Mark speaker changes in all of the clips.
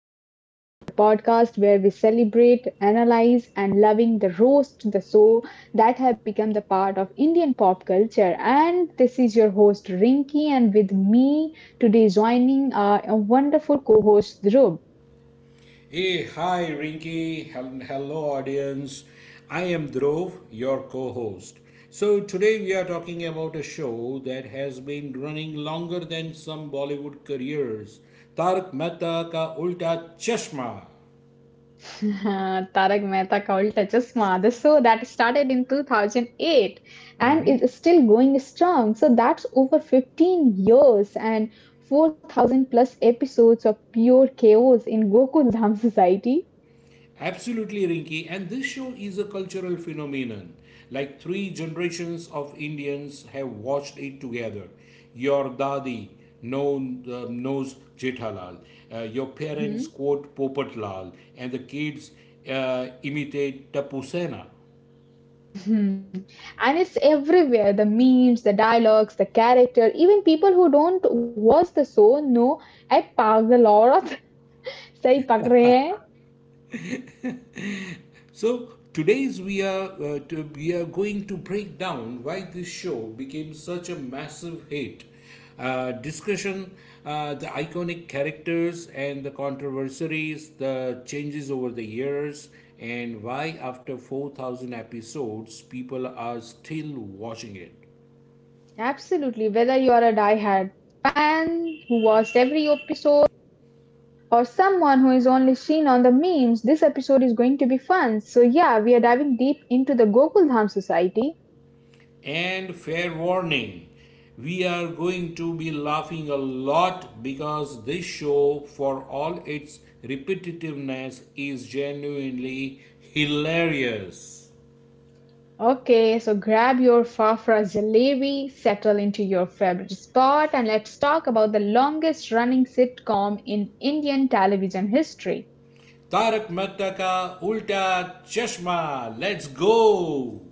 Speaker 1: Diaries, the podcast where we celebrate, analyze, and loving the roast, the show that have become the part of Indian pop culture. And this is your host, Rinki, and with me today joining a wonderful co host, Dhruv.
Speaker 2: Hey, hi, Rinky, and hello, audience. I am Dhruv, your co host. So, today we are talking about a show that has been running longer than some Bollywood careers. Tarak Mehta Ka Ulta Chashma.
Speaker 1: Tarak Mehta Ka Ulta Chashma, the show that started in 2008 and is still going strong. So that's over 15 years and 4,000 plus episodes of pure chaos in Gokuldham society.
Speaker 2: Absolutely, Rinki, and this show is a cultural phenomenon. Like three generations of Indians have watched it together. Your dadi knows Jethalal. Your parents
Speaker 1: Mhm.
Speaker 2: quote Popatlal, and the kids imitate Tapu Sena.
Speaker 1: Mhm. And it's everywhere, the memes, the dialogues, the character, even people who don't watch the show know I पागल औरत सही पकड़े हैं.
Speaker 2: So today's we are to, we are going to break down why this show became such a massive hit. Uh, discussion, the iconic characters and the controversies, the changes over the years, and why after 4,000 episodes people are still watching it.
Speaker 1: Absolutely, whether you are a die-hard fan who watched every episode or someone who is only seen on the memes, this episode is going to be fun. So, yeah, we are diving deep into the Gokuldham Society.
Speaker 2: And fair warning, we are going to be laughing a lot because this show, for all its repetitiveness, is genuinely hilarious.
Speaker 1: Okay, so grab your Fafra Jalebi, settle into your favorite spot, and let's talk about the longest running sitcom in Indian television history.
Speaker 2: Tarak Mehta ka Ulta Chashma. Let's go!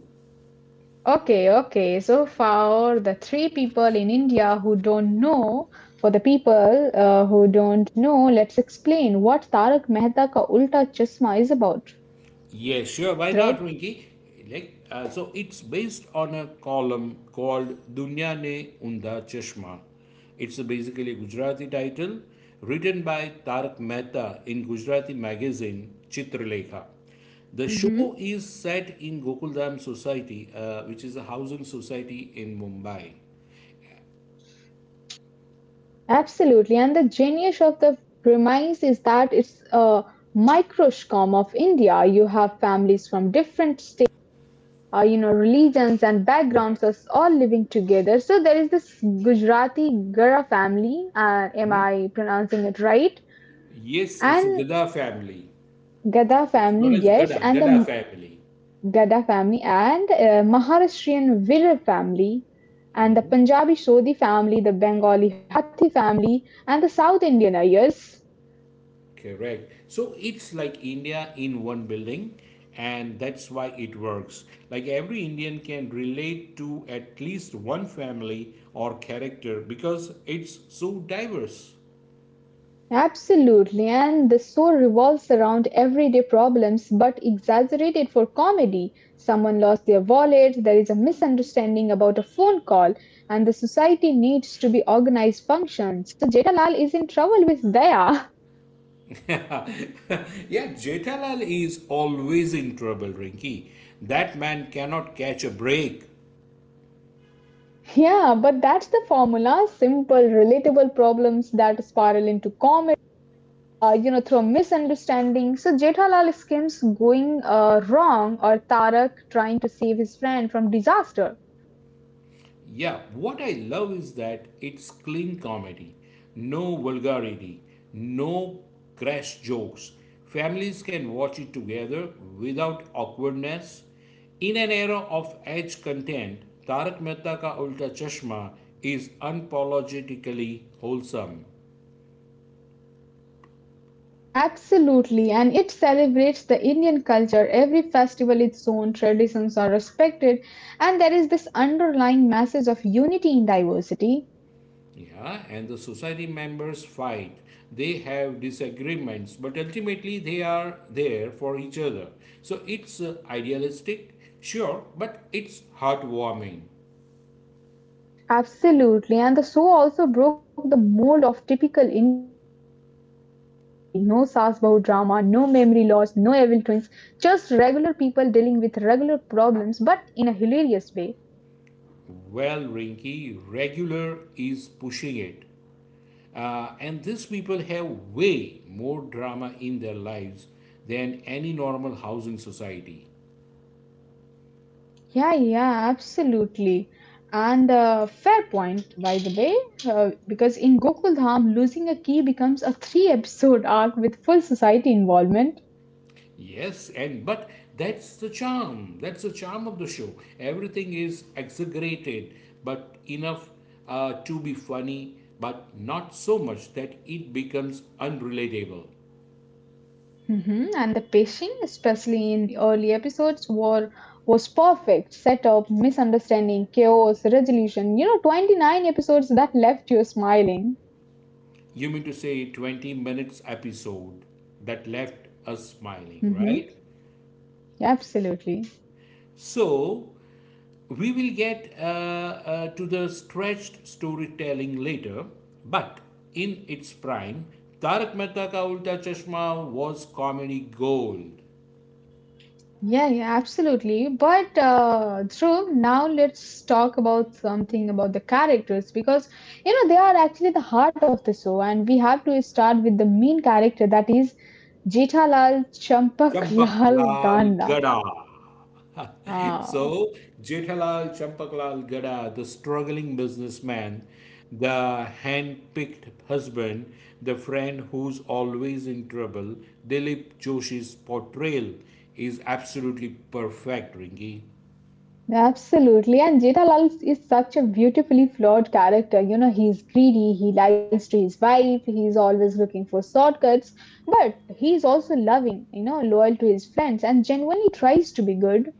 Speaker 1: Okay, okay, so for the three people in India who don't know, for the people who don't know, let's explain what Tarak Mehta Ka Ulta Chasma is about.
Speaker 2: Yeah, sure. Why
Speaker 1: Dhruv?
Speaker 2: not, Rinki? So it's based on a column called Dunya Ne Unda Chashma. It's a basically a Gujarati title written by Tarak Mehta in Gujarati magazine Chitralekha. The show is set in Gokuldam Society, which is a housing society in Mumbai.
Speaker 1: Absolutely, and the genius of the premise is that it's a microcosm of India. You have families from different states, you know, religions and
Speaker 2: Yeah.
Speaker 1: backgrounds us all living together. So there is this Gujarati Gara family. Am I pronouncing it right?
Speaker 2: Yes, it's a
Speaker 1: And
Speaker 2: Gada family.
Speaker 1: Gada
Speaker 2: It's
Speaker 1: family,
Speaker 2: known as
Speaker 1: yes,
Speaker 2: Gada,
Speaker 1: and
Speaker 2: Gada
Speaker 1: the
Speaker 2: family.
Speaker 1: Gada family and Maharashtrian Virar family, and the Punjabi Sodhi family, the Bengali Hathi family, and the South Indian Ayers.
Speaker 2: Correct. So it's like India in one building, and that's why it works. Like every Indian can relate to at least one family or character because it's so diverse.
Speaker 1: Absolutely, and the show revolves around everyday problems but exaggerated for comedy. Someone lost their wallet, there is a misunderstanding about a phone call, and the society needs to be organized function. So Jetalal is in trouble with Daya.
Speaker 2: Yeah, Jethalal is always in trouble, Rinki. That man cannot catch a break.
Speaker 1: Yeah, but that's the formula, simple, relatable problems that spiral into comedy, you know, through a misunderstanding. So Jethalal schemes going wrong or Tarak trying to save his friend from disaster.
Speaker 2: Yeah, what I love is that it's clean comedy. No vulgarity, no crass jokes. Families can watch it together without awkwardness. In an era of edge content, Tarak Mehta Ka Ulta Chashma is unapologetically wholesome.
Speaker 1: Absolutely, and it celebrates the Indian culture. Every festival, its own traditions are respected, and there is this underlying message of unity in diversity.
Speaker 2: Yeah, and the society members fight. They have disagreements, but ultimately they are there for each other. So it's idealistic, sure, but it's heartwarming.
Speaker 1: Absolutely, and the show also broke the mold of typical Indian TV. No Saas Bahu drama, no memory loss, no evil twins, just regular people dealing with regular problems, but in a hilarious way.
Speaker 2: Well, Rinky, regular is pushing it. And these people have way more drama in their lives than any normal housing society.
Speaker 1: Yeah, yeah, absolutely. And fair point, by the way, because in Gokuldham, losing a key becomes a three-episode arc with full society involvement.
Speaker 2: Yes, and but that's the charm. That's the charm of the show. Everything is exaggerated, but enough to be funny, but not so much that it becomes unrelatable.
Speaker 1: Hmm. And the pacing, especially in the early episodes, were was perfect. Setup, misunderstanding, chaos, resolution. You know, 29 episodes that left you smiling.
Speaker 2: You mean to say 20 minutes episode that left us smiling,
Speaker 1: Hmm.
Speaker 2: right?
Speaker 1: Absolutely.
Speaker 2: So we will get to the stretched storytelling later, but in its prime, Tarak Mehta Ka Ulta Chashma was comedy gold.
Speaker 1: Yeah, yeah, absolutely. But Dhruv, now let's talk about something about the characters because you know they are actually the heart of the show, and we have to start with the main character, that is Jethalal
Speaker 2: Champak
Speaker 1: Champaklal
Speaker 2: Lal
Speaker 1: Ganda.
Speaker 2: Gada.
Speaker 1: Ah,
Speaker 2: So, Jethalal Champaklal Gada, the struggling businessman, the hand picked husband, the friend who's always in trouble, Dilip Joshi's portrayal is absolutely perfect, Ringy.
Speaker 1: absolutely. And Jethalal is such a beautifully flawed character. You know, he's greedy, he lies to his wife, he's always looking for shortcuts, but he's also loving, you know, loyal to his friends, and genuinely tries to be good.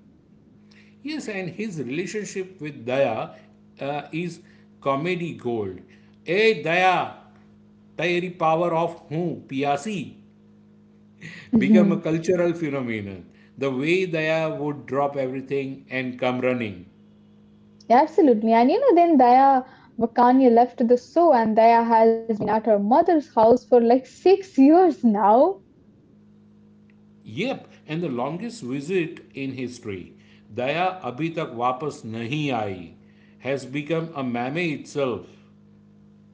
Speaker 2: Yes, and his relationship with Daya is comedy gold. Hey, Daya, तेरी power of हूँ पियासी become a
Speaker 1: Mhm.
Speaker 2: cultural phenomenon. The way Daya would drop everything and come running.
Speaker 1: Absolutely. And you know, then Daya Vakania left the show, and Daya has been at her mother's house for like six years now.
Speaker 2: Yep, and the longest visit in history, Daya abhi tak wapas nahi aayi, has become a meme itself.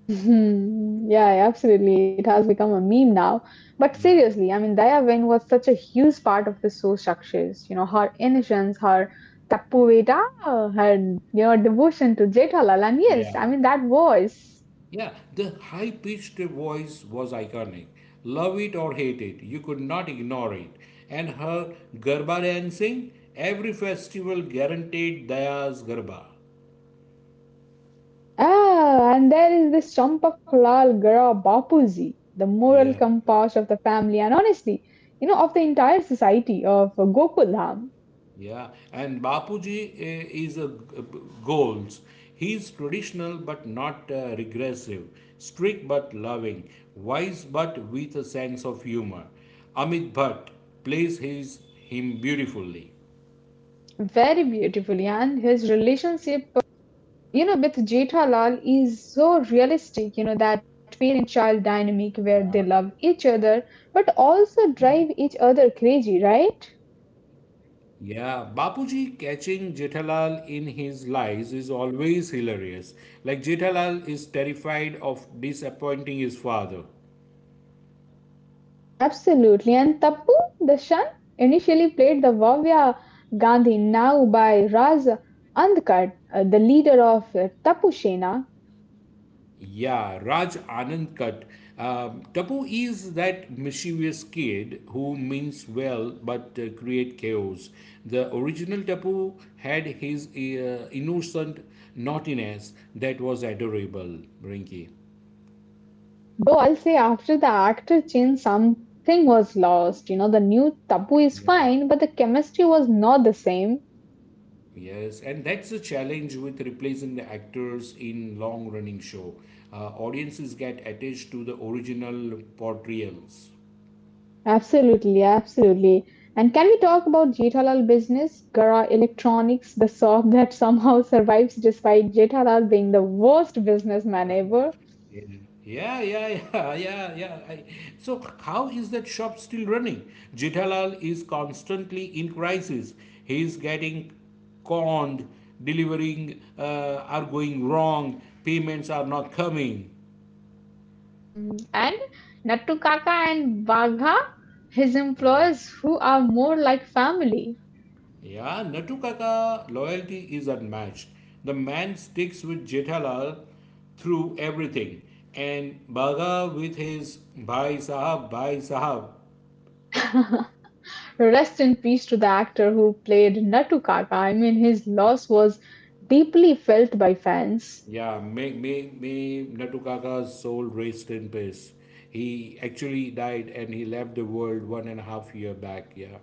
Speaker 1: Mhm. Yeah, absolutely. It has become a meme now. But
Speaker 2: Yeah,
Speaker 1: seriously, I mean, Daya Vain was such a huge part of the show structures. You know, her innocence, her tapuveta, her, you know, devotion to Jethalal. And yes, I
Speaker 2: yeah,
Speaker 1: mean, that voice.
Speaker 2: yeah. The high pitched voice was iconic. Love it or hate it, you could not ignore it. And her garba dancing, every festival guaranteed Daya's garba.
Speaker 1: Ah, and there is this Champak Lal Gara Bapuji, the moral
Speaker 2: Yeah.
Speaker 1: compass of the family and honestly, you know, of the entire society of Gokuldham,
Speaker 2: Yeah, and Bapuji is goals. He's traditional but not regressive, strict but loving, wise but with a sense of humor. Amit Bhatt plays his him beautifully.
Speaker 1: very beautifully. And his relationship, you know, with Jethalal is so realistic, you know, that parent-child dynamic where
Speaker 2: Yeah.
Speaker 1: they love each other but also drive each other crazy, right?
Speaker 2: Yeah, Bapuji catching Jethalal in his lies is always hilarious. Like Jethalal is terrified of disappointing his father.
Speaker 1: Absolutely. And Tapu, the initially played the Vavya Gandhi, now by Raj Andkar, the leader of Tappu Sena.
Speaker 2: Yeah, Raj Anand Kat. Tapu is that mischievous kid who means well but create chaos. The original Tapu had his innocent naughtiness that was adorable, Rinki.
Speaker 1: Though I'll say after the actor change, something was lost. You know, the new Tapu is
Speaker 2: Yeah,
Speaker 1: fine, but the chemistry was not the same.
Speaker 2: yes, and that's the challenge with replacing the actors in long-running show. Audiences get attached to the original portrayals.
Speaker 1: Absolutely, absolutely. And can we talk about Jethalal business, Gara Electronics, the shop that somehow survives despite Jethalal being the worst businessman ever?
Speaker 2: Yeah, yeah, yeah, yeah, yeah. I, so, how is that shop still running? Jethalal is constantly in crisis. He is getting conned, delivering are going wrong, payments are not coming.
Speaker 1: Mhm. And Nattukaka and Bagha, his
Speaker 2: Yeah,
Speaker 1: employees who are more like family.
Speaker 2: yeah, Natu Kaka loyalty is unmatched. The man sticks with Jethalal through everything. And Baga with his Bhai Sahab, Bhai Sahab
Speaker 1: Rest in peace to the actor who played Nattukaka. I mean, his loss was deeply felt by fans.
Speaker 2: Yeah, May Natukaka's soul rest in peace. He actually died and he left the world 1.5 year back. Yeah.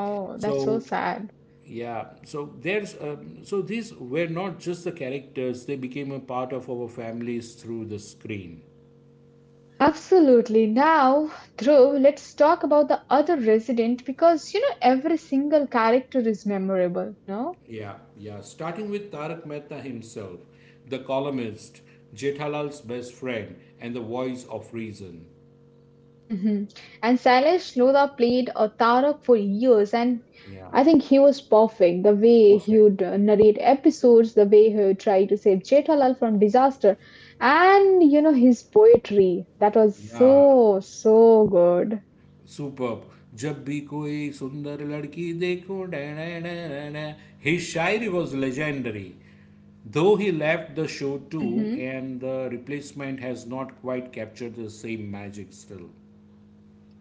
Speaker 1: Oh, that's so
Speaker 2: So
Speaker 1: sad.
Speaker 2: yeah, so there's these were not just the characters; they became a part of our families through the screen.
Speaker 1: Absolutely. Now, Dhruv, let's talk about the other resident because you know every single character is memorable, no?
Speaker 2: Yeah, yeah. Starting with Tarak Mehta himself, the columnist, Jethalal's best friend, and the voice of reason.
Speaker 1: Mhm. And Sailesh Lodha played a Tarak for years, and
Speaker 2: Yeah,
Speaker 1: I think he was perfect. The way he
Speaker 2: perfect.
Speaker 1: would narrate episodes, the way he would try to save Jetalal from disaster, and you know his poetry. That was
Speaker 2: Yeah,
Speaker 1: so good.
Speaker 2: Super जब भी कोई सुंदर लड़की देखो डे, his शायरी was legendary though he left the show too
Speaker 1: Hmm.
Speaker 2: and the replacement has not quite captured the same magic still.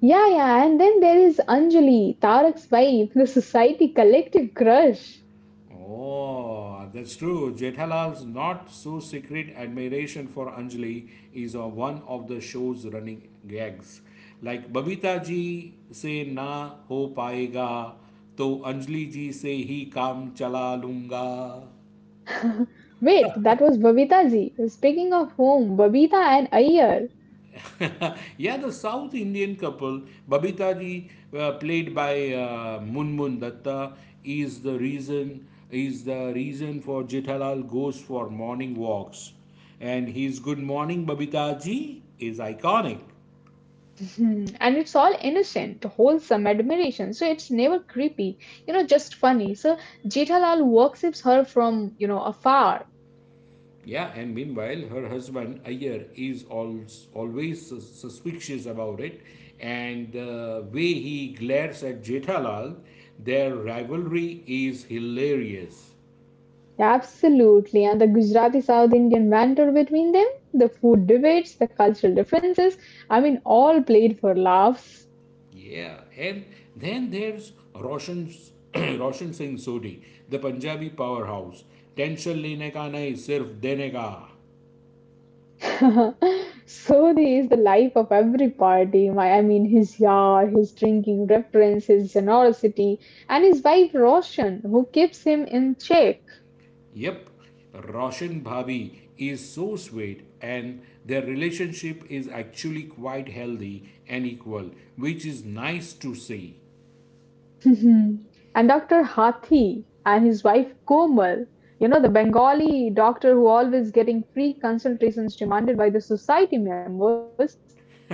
Speaker 1: Yeah, yeah. And then there is Anjali, Tarak's wife, the society collective crush.
Speaker 2: Oh, that's true. Jethalal's not so secret admiration for Anjali is one of the show's running gags. Like Babita ji se na ho paega, to Anjali ji se hi kaam chala lunga.
Speaker 1: Wait, that was Babita ji. Speaking of whom, Babita and Iyer.
Speaker 2: Yeah, the South Indian couple, Babita ji, played by Munmun Datta, is the reason for Jethalal goes for morning walks, and his "Good morning, Babita ji" is iconic.
Speaker 1: Mhm. And it's all innocent, wholesome admiration. So it's never creepy, you know, just funny. So Jethalal worships her from, you know, afar.
Speaker 2: Yeah, and meanwhile, her husband Ayer is always, always suspicious about it, and the way he glares at Jethalal, their rivalry is hilarious.
Speaker 1: Absolutely. And the Gujarati South Indian banter between them, the food debates, the cultural differences, I mean, all played for laughs.
Speaker 2: Yeah, and then there's Roshan Roshan Singh Sodhi, the Punjabi powerhouse. Tension lene ka nahi, sirf dene ka.
Speaker 1: So is the life of every party. My, I mean, his yar, his drinking reference, his generosity, and his wife Roshan, who keeps him in check.
Speaker 2: Yep, Roshan Bhabi is so sweet, and their relationship is actually quite healthy and equal, which is nice to see.
Speaker 1: Mhm. And Dr. Hathi and his wife Komal, you know, the Bengali doctor who always getting free consultations demanded by the society members.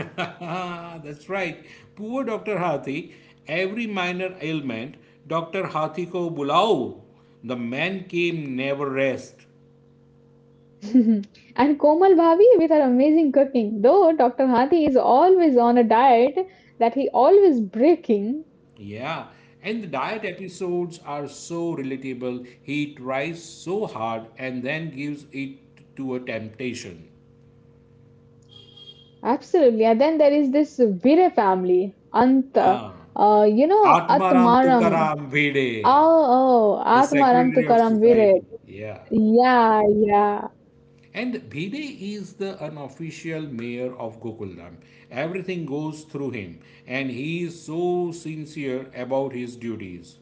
Speaker 2: That's right. Poor Dr. Hathi, every minor ailment, Dr. Hathi ko bulao. The man came never rest.
Speaker 1: And Komal Bhavi with her amazing cooking, though Dr. Hathi is always on a diet that he always breaking.
Speaker 2: Yeah, and the diet episodes are so relatable. He tries so hard and then gives it to a temptation.
Speaker 1: Absolutely. And then there is this Vire family, Anta,
Speaker 2: Ah.
Speaker 1: you know,
Speaker 2: Atmaram
Speaker 1: Atmaram.
Speaker 2: Tukaram Bhide,
Speaker 1: Oh, oh,
Speaker 2: the
Speaker 1: Atmaram
Speaker 2: Secretary of
Speaker 1: Tukaram Vire.
Speaker 2: Society. Yeah.
Speaker 1: Yeah, yeah.
Speaker 2: And Bhide is the unofficial mayor of Gokuldam. Everything goes through him, and he is so sincere about his duties.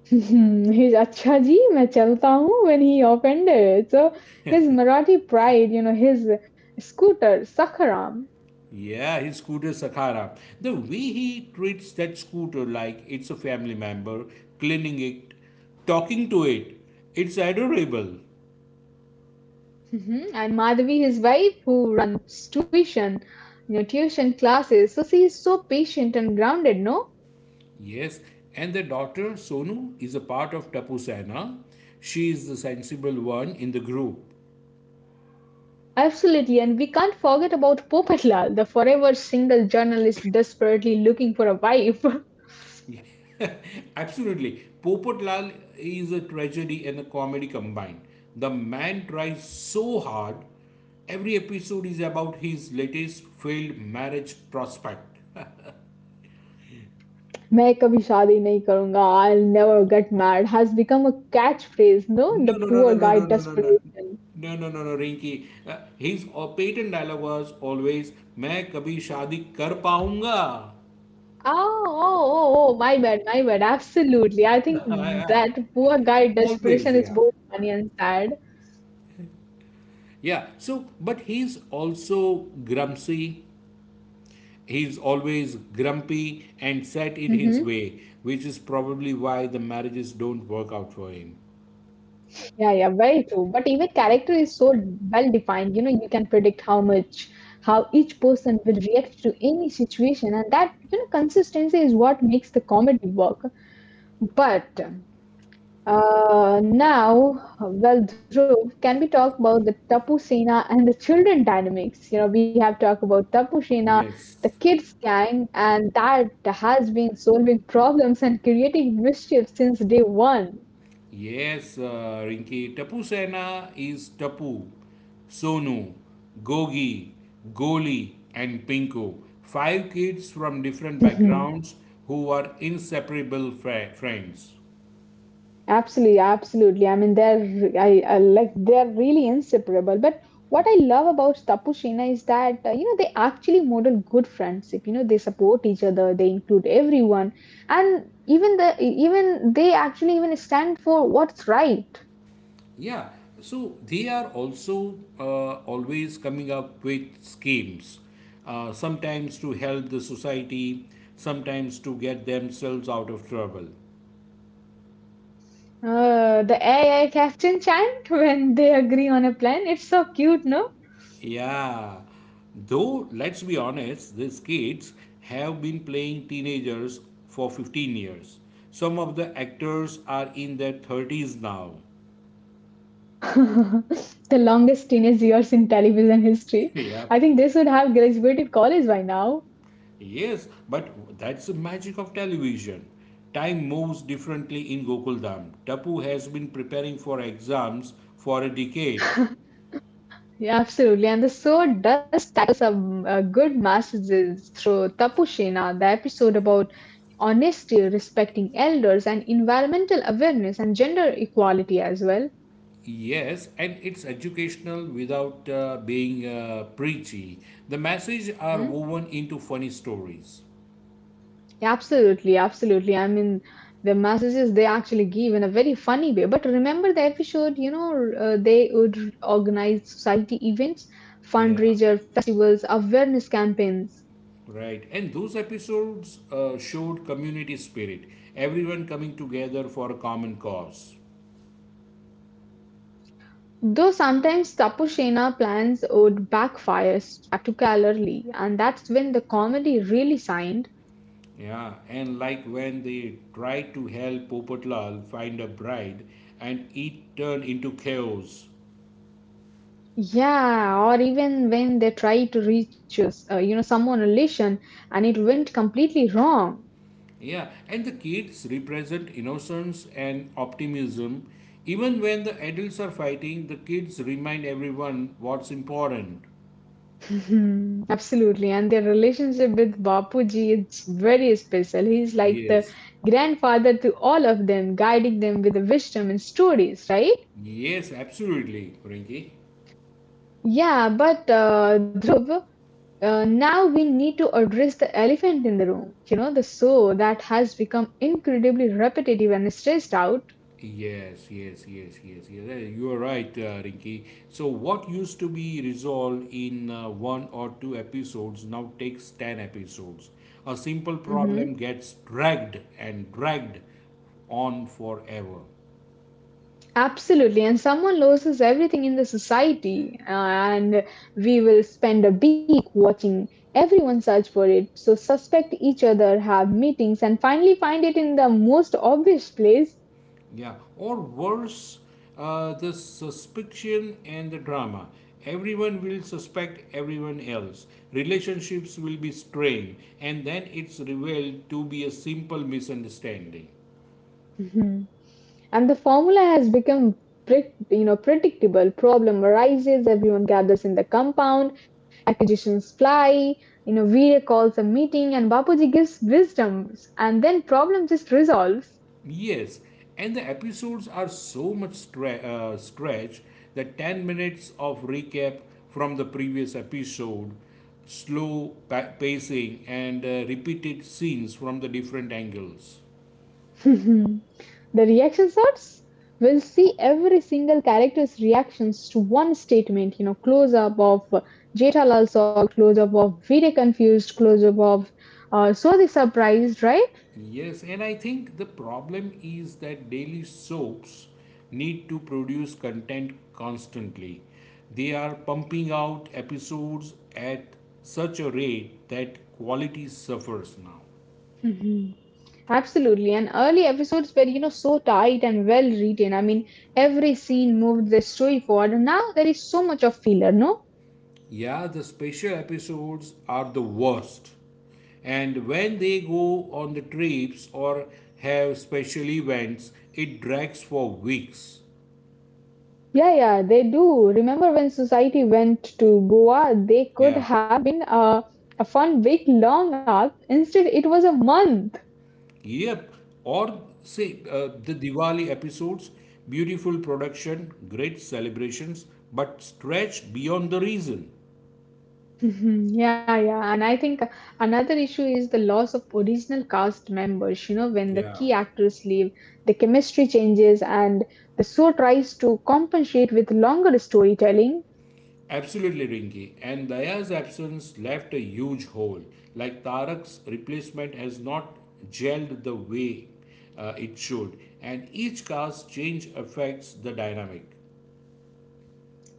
Speaker 1: He's "Acha ji, main chalta hoon" when he offended. So his Marathi pride, you know, his scooter, Sakharam.
Speaker 2: Yeah, his scooter Sakara. The way he treats that scooter like it's a family member, cleaning it, talking to it, it's adorable.
Speaker 1: Mhm. And Madhavi, his wife, who runs tuition, you know, tuition classes. So she is so patient and grounded, no?
Speaker 2: Yes, and the daughter Sonu is a part of Tapu Sena. She is the sensible one in the group.
Speaker 1: Absolutely, and we can't forget about Popatlal, the forever single journalist desperately looking for a wife.
Speaker 2: Absolutely. Popat Lal is a tragedy and a comedy combined. The man tries so hard. Every episode is about his latest failed marriage prospect.
Speaker 1: मैं कभी शादी नहीं करूंगा I never get mad has become a catch phrase no
Speaker 2: No,
Speaker 1: the
Speaker 2: no, no, no,
Speaker 1: poor
Speaker 2: no,
Speaker 1: guy
Speaker 2: no, no, no, no.
Speaker 1: Desperation.
Speaker 2: No, no, no, no, Rinky. His patent dialogue was always, मैं कभी शादी कर पाऊंगा.
Speaker 1: Oh, oh, oh, oh, my bad, my bad. Absolutely. I think
Speaker 2: Yeah.
Speaker 1: that poor guy desperation
Speaker 2: Always,
Speaker 1: is
Speaker 2: yeah.
Speaker 1: both funny and sad.
Speaker 2: Yeah, so, but he's also grumpy. He's always grumpy and set in his
Speaker 1: Mm-hmm.
Speaker 2: way, which is probably why the marriages don't work out for him.
Speaker 1: Yeah, yeah, very true. But even character is so well defined, you know, you can predict how much, how each person will react to any situation, and that, you know, consistency is what makes the comedy work. But uh, now, well, Dhruv, can we talk about the Tapu Sena and the children dynamics? You know, we have talked about Tapu Sena, the
Speaker 2: Yes.
Speaker 1: kids gang, and that has been solving problems and creating mischief since day one.
Speaker 2: Yes, Rinki. Tapu Sena is Tapu, Sonu, Gogi, Goli, and Pinko. Five kids from different backgrounds who were inseparable friends.
Speaker 1: Absolutely, absolutely. I mean, they're I like they're really inseparable. But what I love about Tapushina is that you know they actually model good friendship. You know, they support each other, they include everyone, and even they actually even stand for what's right.
Speaker 2: Yeah, so they are also always coming up with schemes, sometimes to help the society, sometimes to get themselves out of trouble.
Speaker 1: The AI captain chant when they agree on a plan. It's so cute, no?
Speaker 2: Yeah, though let's be honest, these kids have been playing teenagers for 15 years. Some of the actors are in their 30s now.
Speaker 1: The longest teenage years in television history.
Speaker 2: Yeah.
Speaker 1: I think they should have graduated college by now.
Speaker 2: Yes, but that's the magic of television. Time moves differently in Gokuldam. Tapu has been preparing for exams for a decade.
Speaker 1: Yeah, absolutely. And the show does tackle some good messages through Tapushina, the episode about honesty, respecting elders, and environmental awareness and gender equality as well.
Speaker 2: Yes, and it's educational without being preachy. The messages are
Speaker 1: Mm-hmm.
Speaker 2: woven into funny stories.
Speaker 1: Yeah, absolutely, absolutely. I mean, the messages they actually give in a very funny way. But remember the episode, you know, they would organize society events,
Speaker 2: Yeah.
Speaker 1: fundraiser, festivals, awareness campaigns.
Speaker 2: Right, and those episodes showed community spirit, everyone coming together for a common cause.
Speaker 1: Though sometimes tapu plans would backfire spectacularly, and that's when the comedy really shined.
Speaker 2: Yeah, and like when they tried to help Popotlal find a bride, and it turned into chaos.
Speaker 1: Yeah, or even when they tried to reach you know someone relation and it went completely wrong.
Speaker 2: Yeah, and the kids represent innocence and optimism. Even when the adults are fighting, the kids remind everyone what's important.
Speaker 1: Mhm. Absolutely, and their relationship with Bapuji is very special. He's like the
Speaker 2: Yes,
Speaker 1: grandfather to all of them, guiding them with the wisdom and stories, right?
Speaker 2: yes, absolutely, Rinki.
Speaker 1: Yeah, but Dhruv, uh, now we need to address the elephant in the room, you know, the show that has become incredibly repetitive and stressed out.
Speaker 2: Yes. You are right, Rinki. So, what used to be resolved in one or two episodes now takes 10 episodes. A simple problem
Speaker 1: Mhm.
Speaker 2: gets dragged and dragged on forever.
Speaker 1: Absolutely. And someone loses everything in the society, and we will spend a week watching everyone search for it. So, suspect each other, have meetings, and finally find it in the most obvious place.
Speaker 2: Yeah, or worse, the suspicion and the drama. Everyone will suspect everyone else. Relationships will be strained, and then it's revealed to be a simple misunderstanding.
Speaker 1: Mm-hmm. And the formula has become you know predictable. Problem arises, everyone gathers in the compound, accusations fly, you know, Veer calls a meeting and Bapuji gives wisdoms, and then problem just resolves.
Speaker 2: Yes, and the episodes are so much stretched that 10 minutes of recap from the previous episode, slow pacing, and repeated scenes from the different angles.
Speaker 1: The reaction starts. We'll see every single character's reactions to one statement, you know, close up of Jethalal Sog, close up of Veer confused, close up of Swazi surprised, right?
Speaker 2: Yes, and I think the problem is that daily soaps need to produce content constantly. They are pumping out episodes at such a rate that quality suffers now.
Speaker 1: Absolutely. And early episodes were, you know, so tight and well written. I mean, every scene moved the story forward. And now there is so much of filler, no?
Speaker 2: Yeah, the special episodes are the worst. And when they go on the trips or have special events, it drags for weeks.
Speaker 1: Yeah, yeah, they do. Remember when Society went to Goa, they could
Speaker 2: Yeah.
Speaker 1: have been a fun week long arc. Instead, it was a month.
Speaker 2: Yep. Or say the Diwali episodes, beautiful production, great celebrations, but stretched beyond the reason.
Speaker 1: Mhm. Yeah, yeah. And I think another issue is the loss of original cast members. You know, when the
Speaker 2: Yeah.
Speaker 1: key actors leave, the chemistry changes and the show tries to compensate with longer storytelling.
Speaker 2: Absolutely, Rinki. And Daya's absence left a huge hole. Like Tarak's replacement has not gelled the way it should, and each cast change affects the dynamic.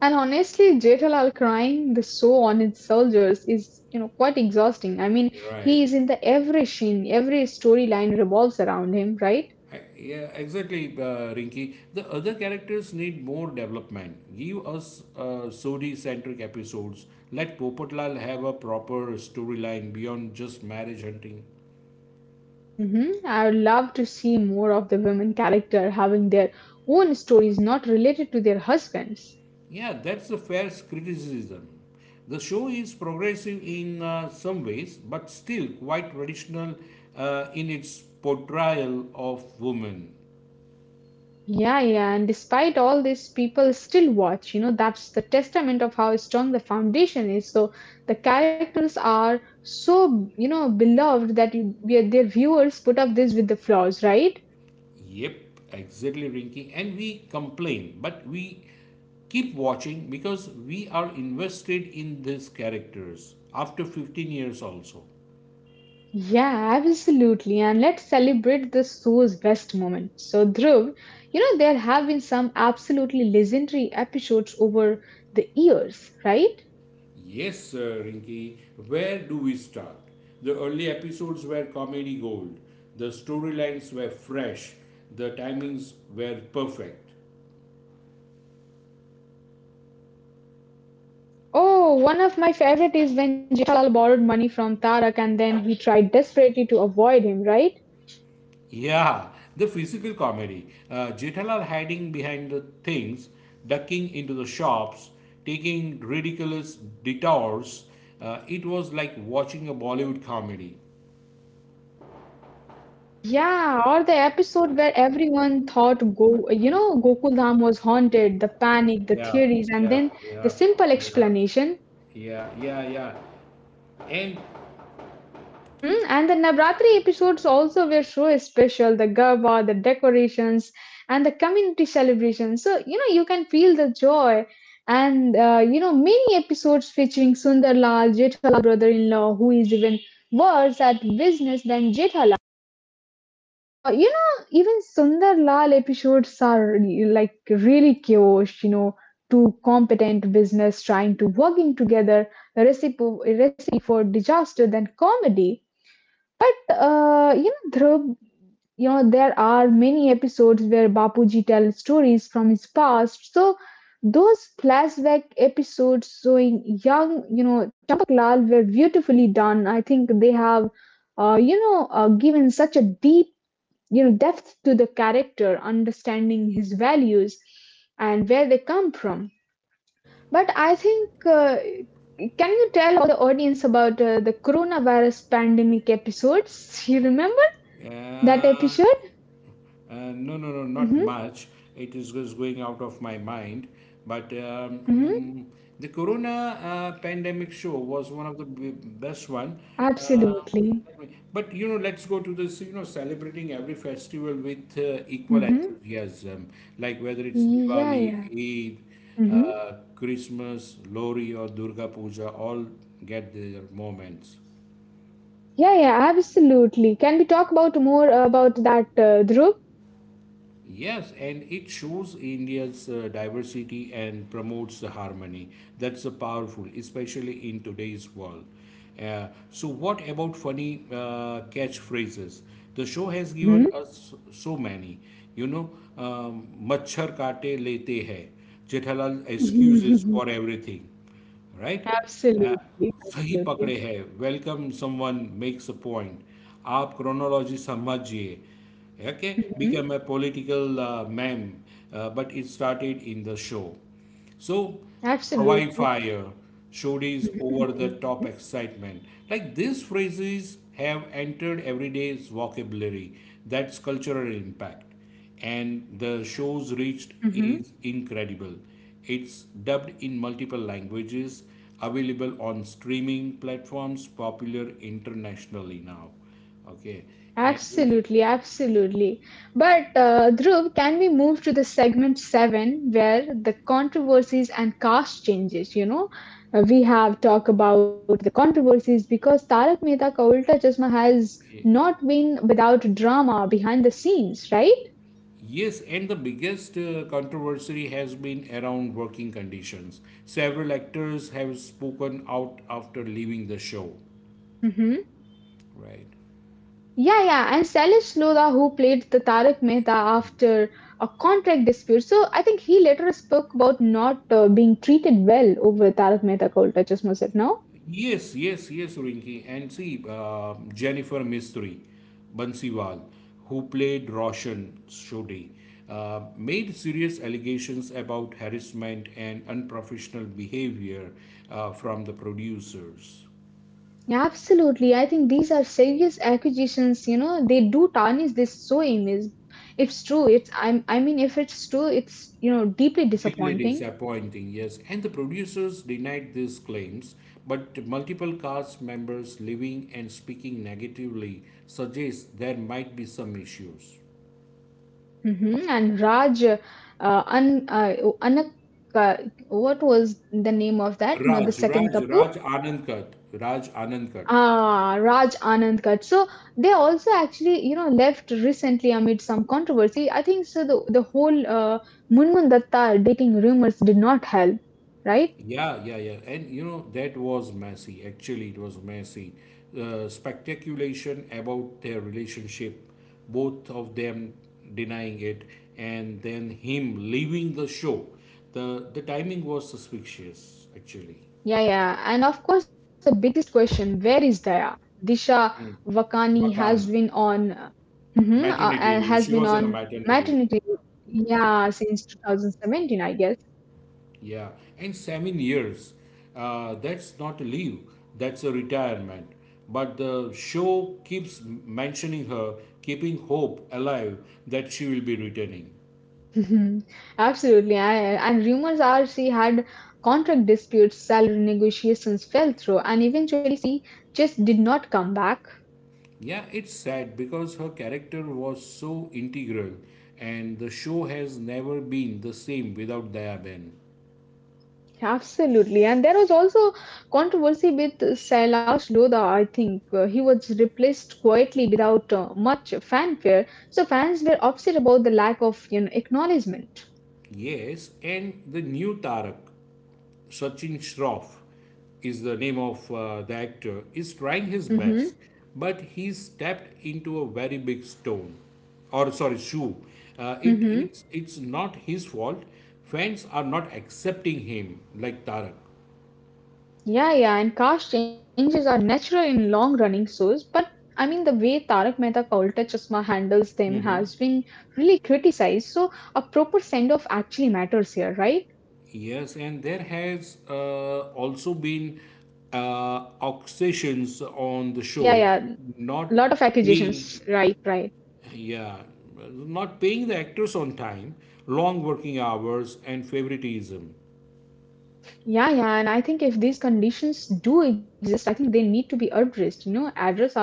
Speaker 1: And honestly, Jetalal crying the show on its soldiers is, you know, quite exhausting. I mean,
Speaker 2: Right.
Speaker 1: he is in the every scene, every storyline revolves around him, right?
Speaker 2: Yeah, exactly, Rinky. The other characters need more development. Give us Sodhi centric episodes. Let Popotlal have a proper storyline beyond just marriage hunting.
Speaker 1: Hmm. I would love to see more of the women character having their own stories not related to their husbands.
Speaker 2: Yeah, that's a fair criticism. The show is progressive in some ways, but still quite traditional in its portrayal of women.
Speaker 1: Yeah, yeah, and despite all this, people still watch. You know, that's the testament of how strong the foundation is. So the characters are so, you know, beloved that their viewers put up this with the flaws, right?
Speaker 2: Yep, exactly, Rinky. And we complain, but we keep watching because we are invested in these characters after 15 years also.
Speaker 1: Yeah, absolutely. And let's celebrate the show's best moment. So, Dhruv, you know, there have been some absolutely legendary episodes over the years, right?
Speaker 2: Yes, sir, Rinky. Where do we start? The early episodes were comedy gold. The storylines were fresh. The timings were perfect.
Speaker 1: Oh, one of my favorite is when Jaisal borrowed money from Tarak and then he tried desperately to avoid him, right?
Speaker 2: Yeah, the physical comedy. Jethalal hiding behind the things, ducking into the shops, taking ridiculous detours. It was like watching a Bollywood comedy.
Speaker 1: Yeah, or the episode where everyone thought you know, Gokuldham was haunted, the panic, the
Speaker 2: Yeah,
Speaker 1: theories, and
Speaker 2: yeah,
Speaker 1: then the
Speaker 2: yeah,
Speaker 1: simple
Speaker 2: yeah,
Speaker 1: explanation.
Speaker 2: yeah, yeah, yeah. And
Speaker 1: Hmm. And the Navratri episodes also were so special. The garba, the decorations, and the community celebrations. So you know you can feel the joy, and you know many episodes featuring Sundarlal, Jethalal brother-in-law, who is even worse at business than Jethalal. You know even Sundarlal episodes are like really chaos. You know two competent business trying to working together. The recipe a recipe for disaster than comedy. But you know, Dhruv, you know, there are many episodes where Bapuji tells stories from his past. So those flashback episodes showing young, you know, Champak Lal were beautifully done. I think they have, you know, given such a deep, you know, depth to the character, understanding his values and where they come from. But I think, can you tell the audience about the coronavirus pandemic episodes? You remember? That
Speaker 2: uh,
Speaker 1: episode?
Speaker 2: No, no, no, not
Speaker 1: Mm-hmm.
Speaker 2: much. It is just going out of my mind. But
Speaker 1: Mm-hmm.
Speaker 2: the Corona pandemic show was one of the best one. Um,
Speaker 1: Absolutely.
Speaker 2: but you know, let's go to this. You know, celebrating every festival with equal
Speaker 1: Mm-hmm.
Speaker 2: enthusiasm, like whether it's
Speaker 1: Yeah, yeah.
Speaker 2: Diwali, Eid,
Speaker 1: Mm-hmm.
Speaker 2: Christmas, Lori, or Durga Puja, all get their moments.
Speaker 1: Yeah, yeah, absolutely. Can we talk about more about that, Dhruv?
Speaker 2: Yes, and it shows India's diversity and promotes the harmony. That's powerful, especially in today's world. So, what about funny catchphrases? The show has given
Speaker 1: Mm-hmm.
Speaker 2: us so many. You know, um, मच्छर काटे लेते हैं. Jethalal excuses for everything, right?
Speaker 1: Absolutely,
Speaker 2: Uh, सही पकड़े
Speaker 1: absolutely.
Speaker 2: हैं welcome someone makes a point आप chronology समझिए okay
Speaker 1: Mm-hmm.
Speaker 2: Become a political ma'am but it started in the show so हवाई
Speaker 1: Absolutely.
Speaker 2: Fire showed his over
Speaker 1: Mm-hmm.
Speaker 2: the top excitement. Like these phrases have entered everyday's vocabulary. That's cultural impact, and the show's reached is incredible. It's dubbed in multiple languages, available on streaming platforms, popular internationally now. Okay, and
Speaker 1: Absolutely, absolutely. But Dhruv, can we move to the segment seven where the controversies and cast changes? You know, we have talked about the controversies because Tarak Mehta Ka Ulta Chashma has
Speaker 2: eh,
Speaker 1: not been without drama behind the scenes, right?
Speaker 2: yes, and the biggest controversy has been around working conditions. Several actors have spoken out after leaving the show, right?
Speaker 1: Yeah, yeah, and Salish Lodha, who played the Tarak Mehta after a contract dispute, so I think he later spoke about not being treated well over Tarak Mehta ka Ulta Chashma set. Now?
Speaker 2: Yes, yes, yes, Rinki. And see, Jennifer Mistry, Bansiwal, who played Roshan Shodhi, made serious allegations about harassment and unprofessional behavior from the producers.
Speaker 1: Yeah, absolutely. I think these are serious accusations. You know, they do tarnish this show image. It's true. It's I'm. I mean, if it's true, it's you know deeply
Speaker 2: Deeply
Speaker 1: disappointing.
Speaker 2: disappointing, yes. And the producers denied these claims, but multiple cast members living and speaking negatively suggest there might be some issues.
Speaker 1: Mhm. And Raj, Anak, uh, what was the name of that? You know, the second Tapu?
Speaker 2: Raj Anandkat.
Speaker 1: Ah, Raj Anand Kut. So they also actually, you know, left recently amid some controversy. I think so. The whole Munmun Datta dating rumors did not help, right?
Speaker 2: Yeah, yeah, yeah. And you know, that was messy. Actually, it was messy. Speculation about their relationship, both of them denying it, and then him leaving the show. The timing was suspicious, actually.
Speaker 1: Yeah, yeah. And of course, the biggest question, where is Daya? Disha Vakani has
Speaker 2: Vakani,
Speaker 1: been on. Mhm,
Speaker 2: maternity leave.
Speaker 1: has
Speaker 2: She
Speaker 1: been
Speaker 2: was on a
Speaker 1: on
Speaker 2: maternity.
Speaker 1: maternity, yeah, since 2017, I guess.
Speaker 2: Yeah, and 7 years. That's not a leave, that's a retirement. But the show keeps mentioning her, keeping hope alive that she will be returning.
Speaker 1: Mhm. Absolutely. And rumors are she had contract disputes, salary negotiations fell through, and eventually she just did not come back.
Speaker 2: Yeah, it's sad because her character was so integral, and the show has never been the same without Dayaben.
Speaker 1: Absolutely. And there was also controversy with Sailash Lodha, I think. He was replaced quietly without much fanfare. So fans were upset about the lack of you know, acknowledgement.
Speaker 2: Yes, and the new Tarak. Sachin Shroff is the name of the actor, is trying his best,
Speaker 1: Mhm.
Speaker 2: but he stepped into a very big stone, or sorry, shoe. Uh, it
Speaker 1: Mhm.
Speaker 2: it's it's not his fault. Fans are not accepting him like Tarak.
Speaker 1: Yeah, yeah. And caste changes are natural in long-running shows, but I mean the way Tarak Mehta ka Ulta Chashma handles them has been really criticized. So a proper send-off actually matters here, right?
Speaker 2: Yes, and there has also been obsessions on the
Speaker 1: Yeah,
Speaker 2: show,
Speaker 1: yeah. A
Speaker 2: not
Speaker 1: lot of
Speaker 2: paying,
Speaker 1: accusations. Right, right.
Speaker 2: yeah, not paying the actors on time, long working hours, and favoritism.
Speaker 1: Yeah, yeah. And I think if these conditions do exist, I think they need to be addressed. You know, address are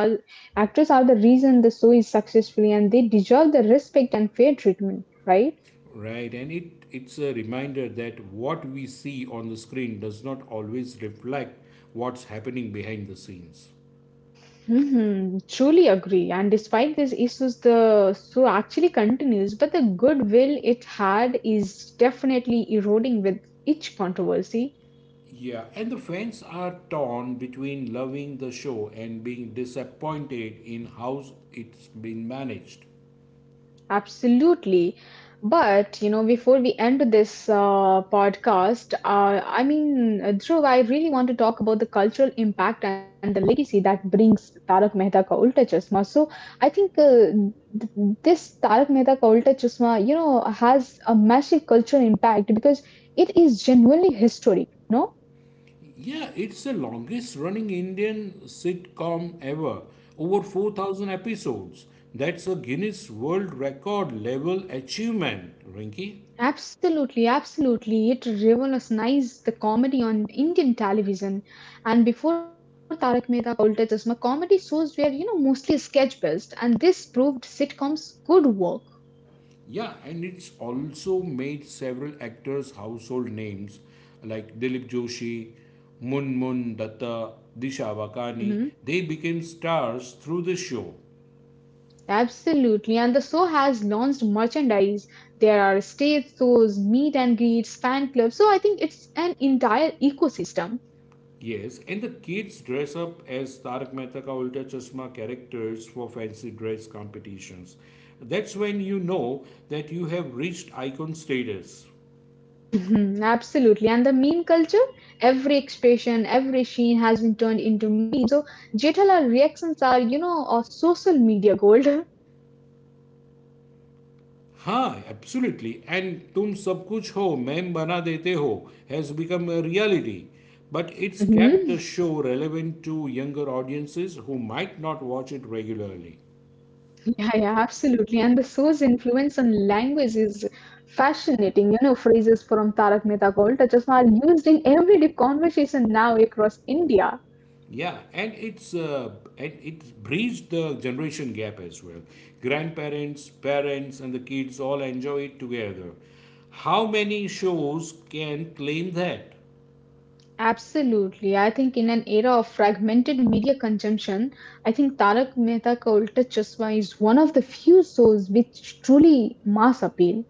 Speaker 1: actors are the reason the show is successful, and they deserve the respect and fair treatment, right?
Speaker 2: Right, and it's a reminder that what we see on the screen does not always reflect what's happening behind the scenes.
Speaker 1: Hmm. Truly agree. And despite these issues, the show actually continues, but the goodwill it had is definitely eroding with each controversy.
Speaker 2: Yeah, and the fans are torn between loving the show and being disappointed in how it's been managed.
Speaker 1: Absolutely. But, you know, before we end this podcast, I mean, Dhruv, I really want to talk about the cultural impact and the legacy that brings Tarak Mehta ka Ulta Chashma. So I think this Tarak Mehta ka Ulta Chashma, you know, has a massive cultural impact because it is genuinely history, no?
Speaker 2: Yeah, it's the longest running Indian sitcom ever, over 4,000 episodes. That's a Guinness World Record level achievement, Rinky.
Speaker 1: Absolutely, absolutely. It revolutionized the comedy on Indian television. And before Tarak Mehta Ka Ulta Chashma, comedy shows were, you know, mostly sketch based, and this proved sitcoms could work.
Speaker 2: Yeah, and it's also made several actors household names like Dilip Joshi, Mun Mun Datta, Disha Wakani.
Speaker 1: Hmm.
Speaker 2: They became stars through the show.
Speaker 1: Absolutely. And the show has launched merchandise. There are stage shows, meet and greets, fan clubs. So I think it's an entire ecosystem.
Speaker 2: Yes, and the kids dress up as Tarak Mehta Ka Ulta Chashma characters for fancy dress competitions. That's when you know that you have reached icon status.
Speaker 1: Mhm. Absolutely. And the meme culture, every expression, every sheen has been turned into meme. So Jethala reactions are, you know, of social media gold.
Speaker 2: हाँ absolutely and तुम सब कुछ हो ma'am बना देते हो has become a reality but it's kept
Speaker 1: Hmm.
Speaker 2: The show relevant to younger audiences who might not watch it regularly.
Speaker 1: Yeah, yeah, absolutely. And the show's influence on language is fascinating. You know, phrases from Tarak Mehta ka Ulta Chashma are used in everyday conversation now across India.
Speaker 2: Yeah, and it's bridged the generation gap as well. Grandparents, parents, and the kids all enjoy it together. How many shows can claim that?
Speaker 1: Absolutely. I think in an era of fragmented media consumption, I think Tarak Mehta Ka Ulta Chashma is one of the few shows which truly mass appeal.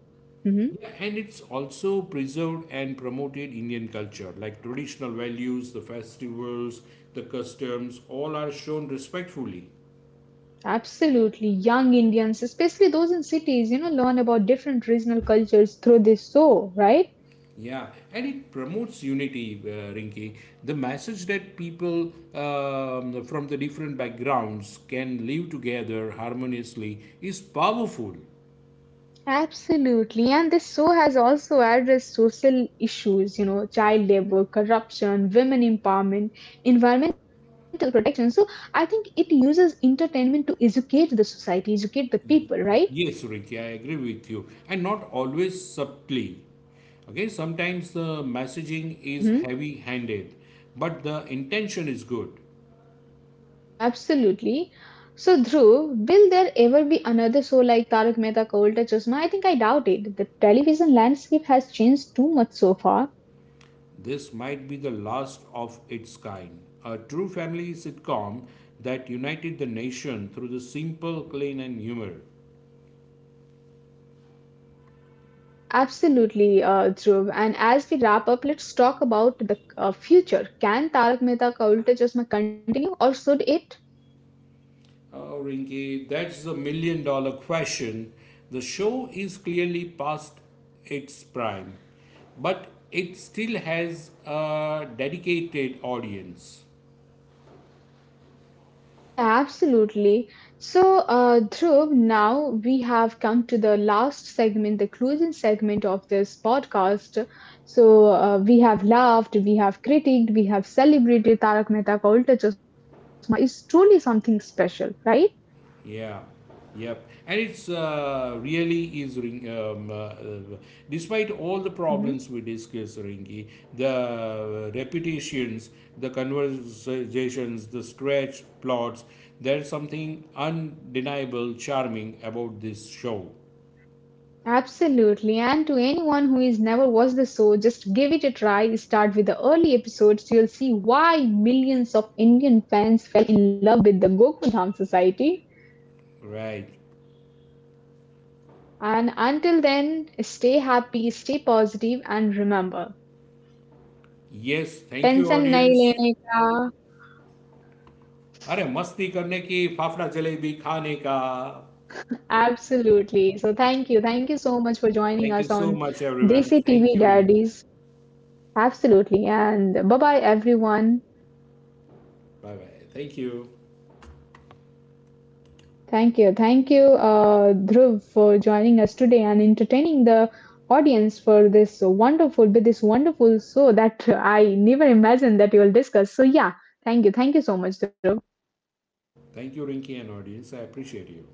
Speaker 1: Hmm.
Speaker 2: Yeah, and it's also preserved and promoted Indian culture, like traditional values, the festivals, the customs, all are shown respectfully.
Speaker 1: Absolutely. Young Indians, especially those in cities, you know, learn about different regional cultures through this show, right?
Speaker 2: Yeah, and it promotes unity, Rinki. The message that people from the different backgrounds can live together harmoniously is powerful.
Speaker 1: Absolutely. And this show has also addressed social issues, you know, child labor, corruption, women empowerment, environmental protection. So I think it uses entertainment to educate the society, educate the people, right?
Speaker 2: Yes, Ricky, I agree with you. And not always subtly. Okay, sometimes the messaging is
Speaker 1: Mm-hmm.
Speaker 2: heavy handed, but the intention is good.
Speaker 1: Absolutely. So, Dhruv, will there ever be another show like Tarak Mehta Ka Ulta Chashma? I think I doubt it. The television landscape has changed too much so far.
Speaker 2: This might be the last of its kind. A true family sitcom that united the nation through the simple, clean, and humor.
Speaker 1: Absolutely, Dhruv. And as we wrap up, let's talk about the future. Can Tarak Mehta Ka Ulta Chashma continue or should it?
Speaker 2: Oh, Rinki, that's the million-dollar question. The show is clearly past its prime, but it still has a dedicated audience.
Speaker 1: Yeah, yeah, absolutely. So, Dhruv, now we have come to the last segment, the closing segment of this podcast. So, we have laughed, we have critiqued, we have celebrated Tarak Mehta Ka Ulta Chashma. It's truly something special, right?
Speaker 2: Yeah, yep. And it's really is, Ring- despite all the problems we discuss, Rinki, the repetitions, the conversations, the stretch plots, there's something undeniable charming about this show.
Speaker 1: Absolutely. And to anyone who has never watched the show, just give it a try. Start with the early episodes. You'll see why millions of Indian fans fell in love with the Gokudham Society.
Speaker 2: Right
Speaker 1: And until then, stay happy, stay positive, and remember,
Speaker 2: yes thank you
Speaker 1: tension nahi
Speaker 2: audience
Speaker 1: lene ka.
Speaker 2: अरे मस्ती करने की फाफड़ा जलेबी खाने का
Speaker 1: Absolutely. So thank you. Thank you so much for joining
Speaker 2: thank you
Speaker 1: us
Speaker 2: so
Speaker 1: on
Speaker 2: much everyone
Speaker 1: Desi
Speaker 2: thank
Speaker 1: TV
Speaker 2: you Rinki
Speaker 1: Daddies. Absolutely. And bye-bye, everyone.
Speaker 2: Bye bye
Speaker 1: Thank you. Thank you, Dhruv, for joining us today and entertaining the audience for this wonderful, with this wonderful show that I never imagined that you will discuss. So, yeah, thank you. Thank you so much, Dhruv.
Speaker 2: Thank you Rinki and audience I appreciate you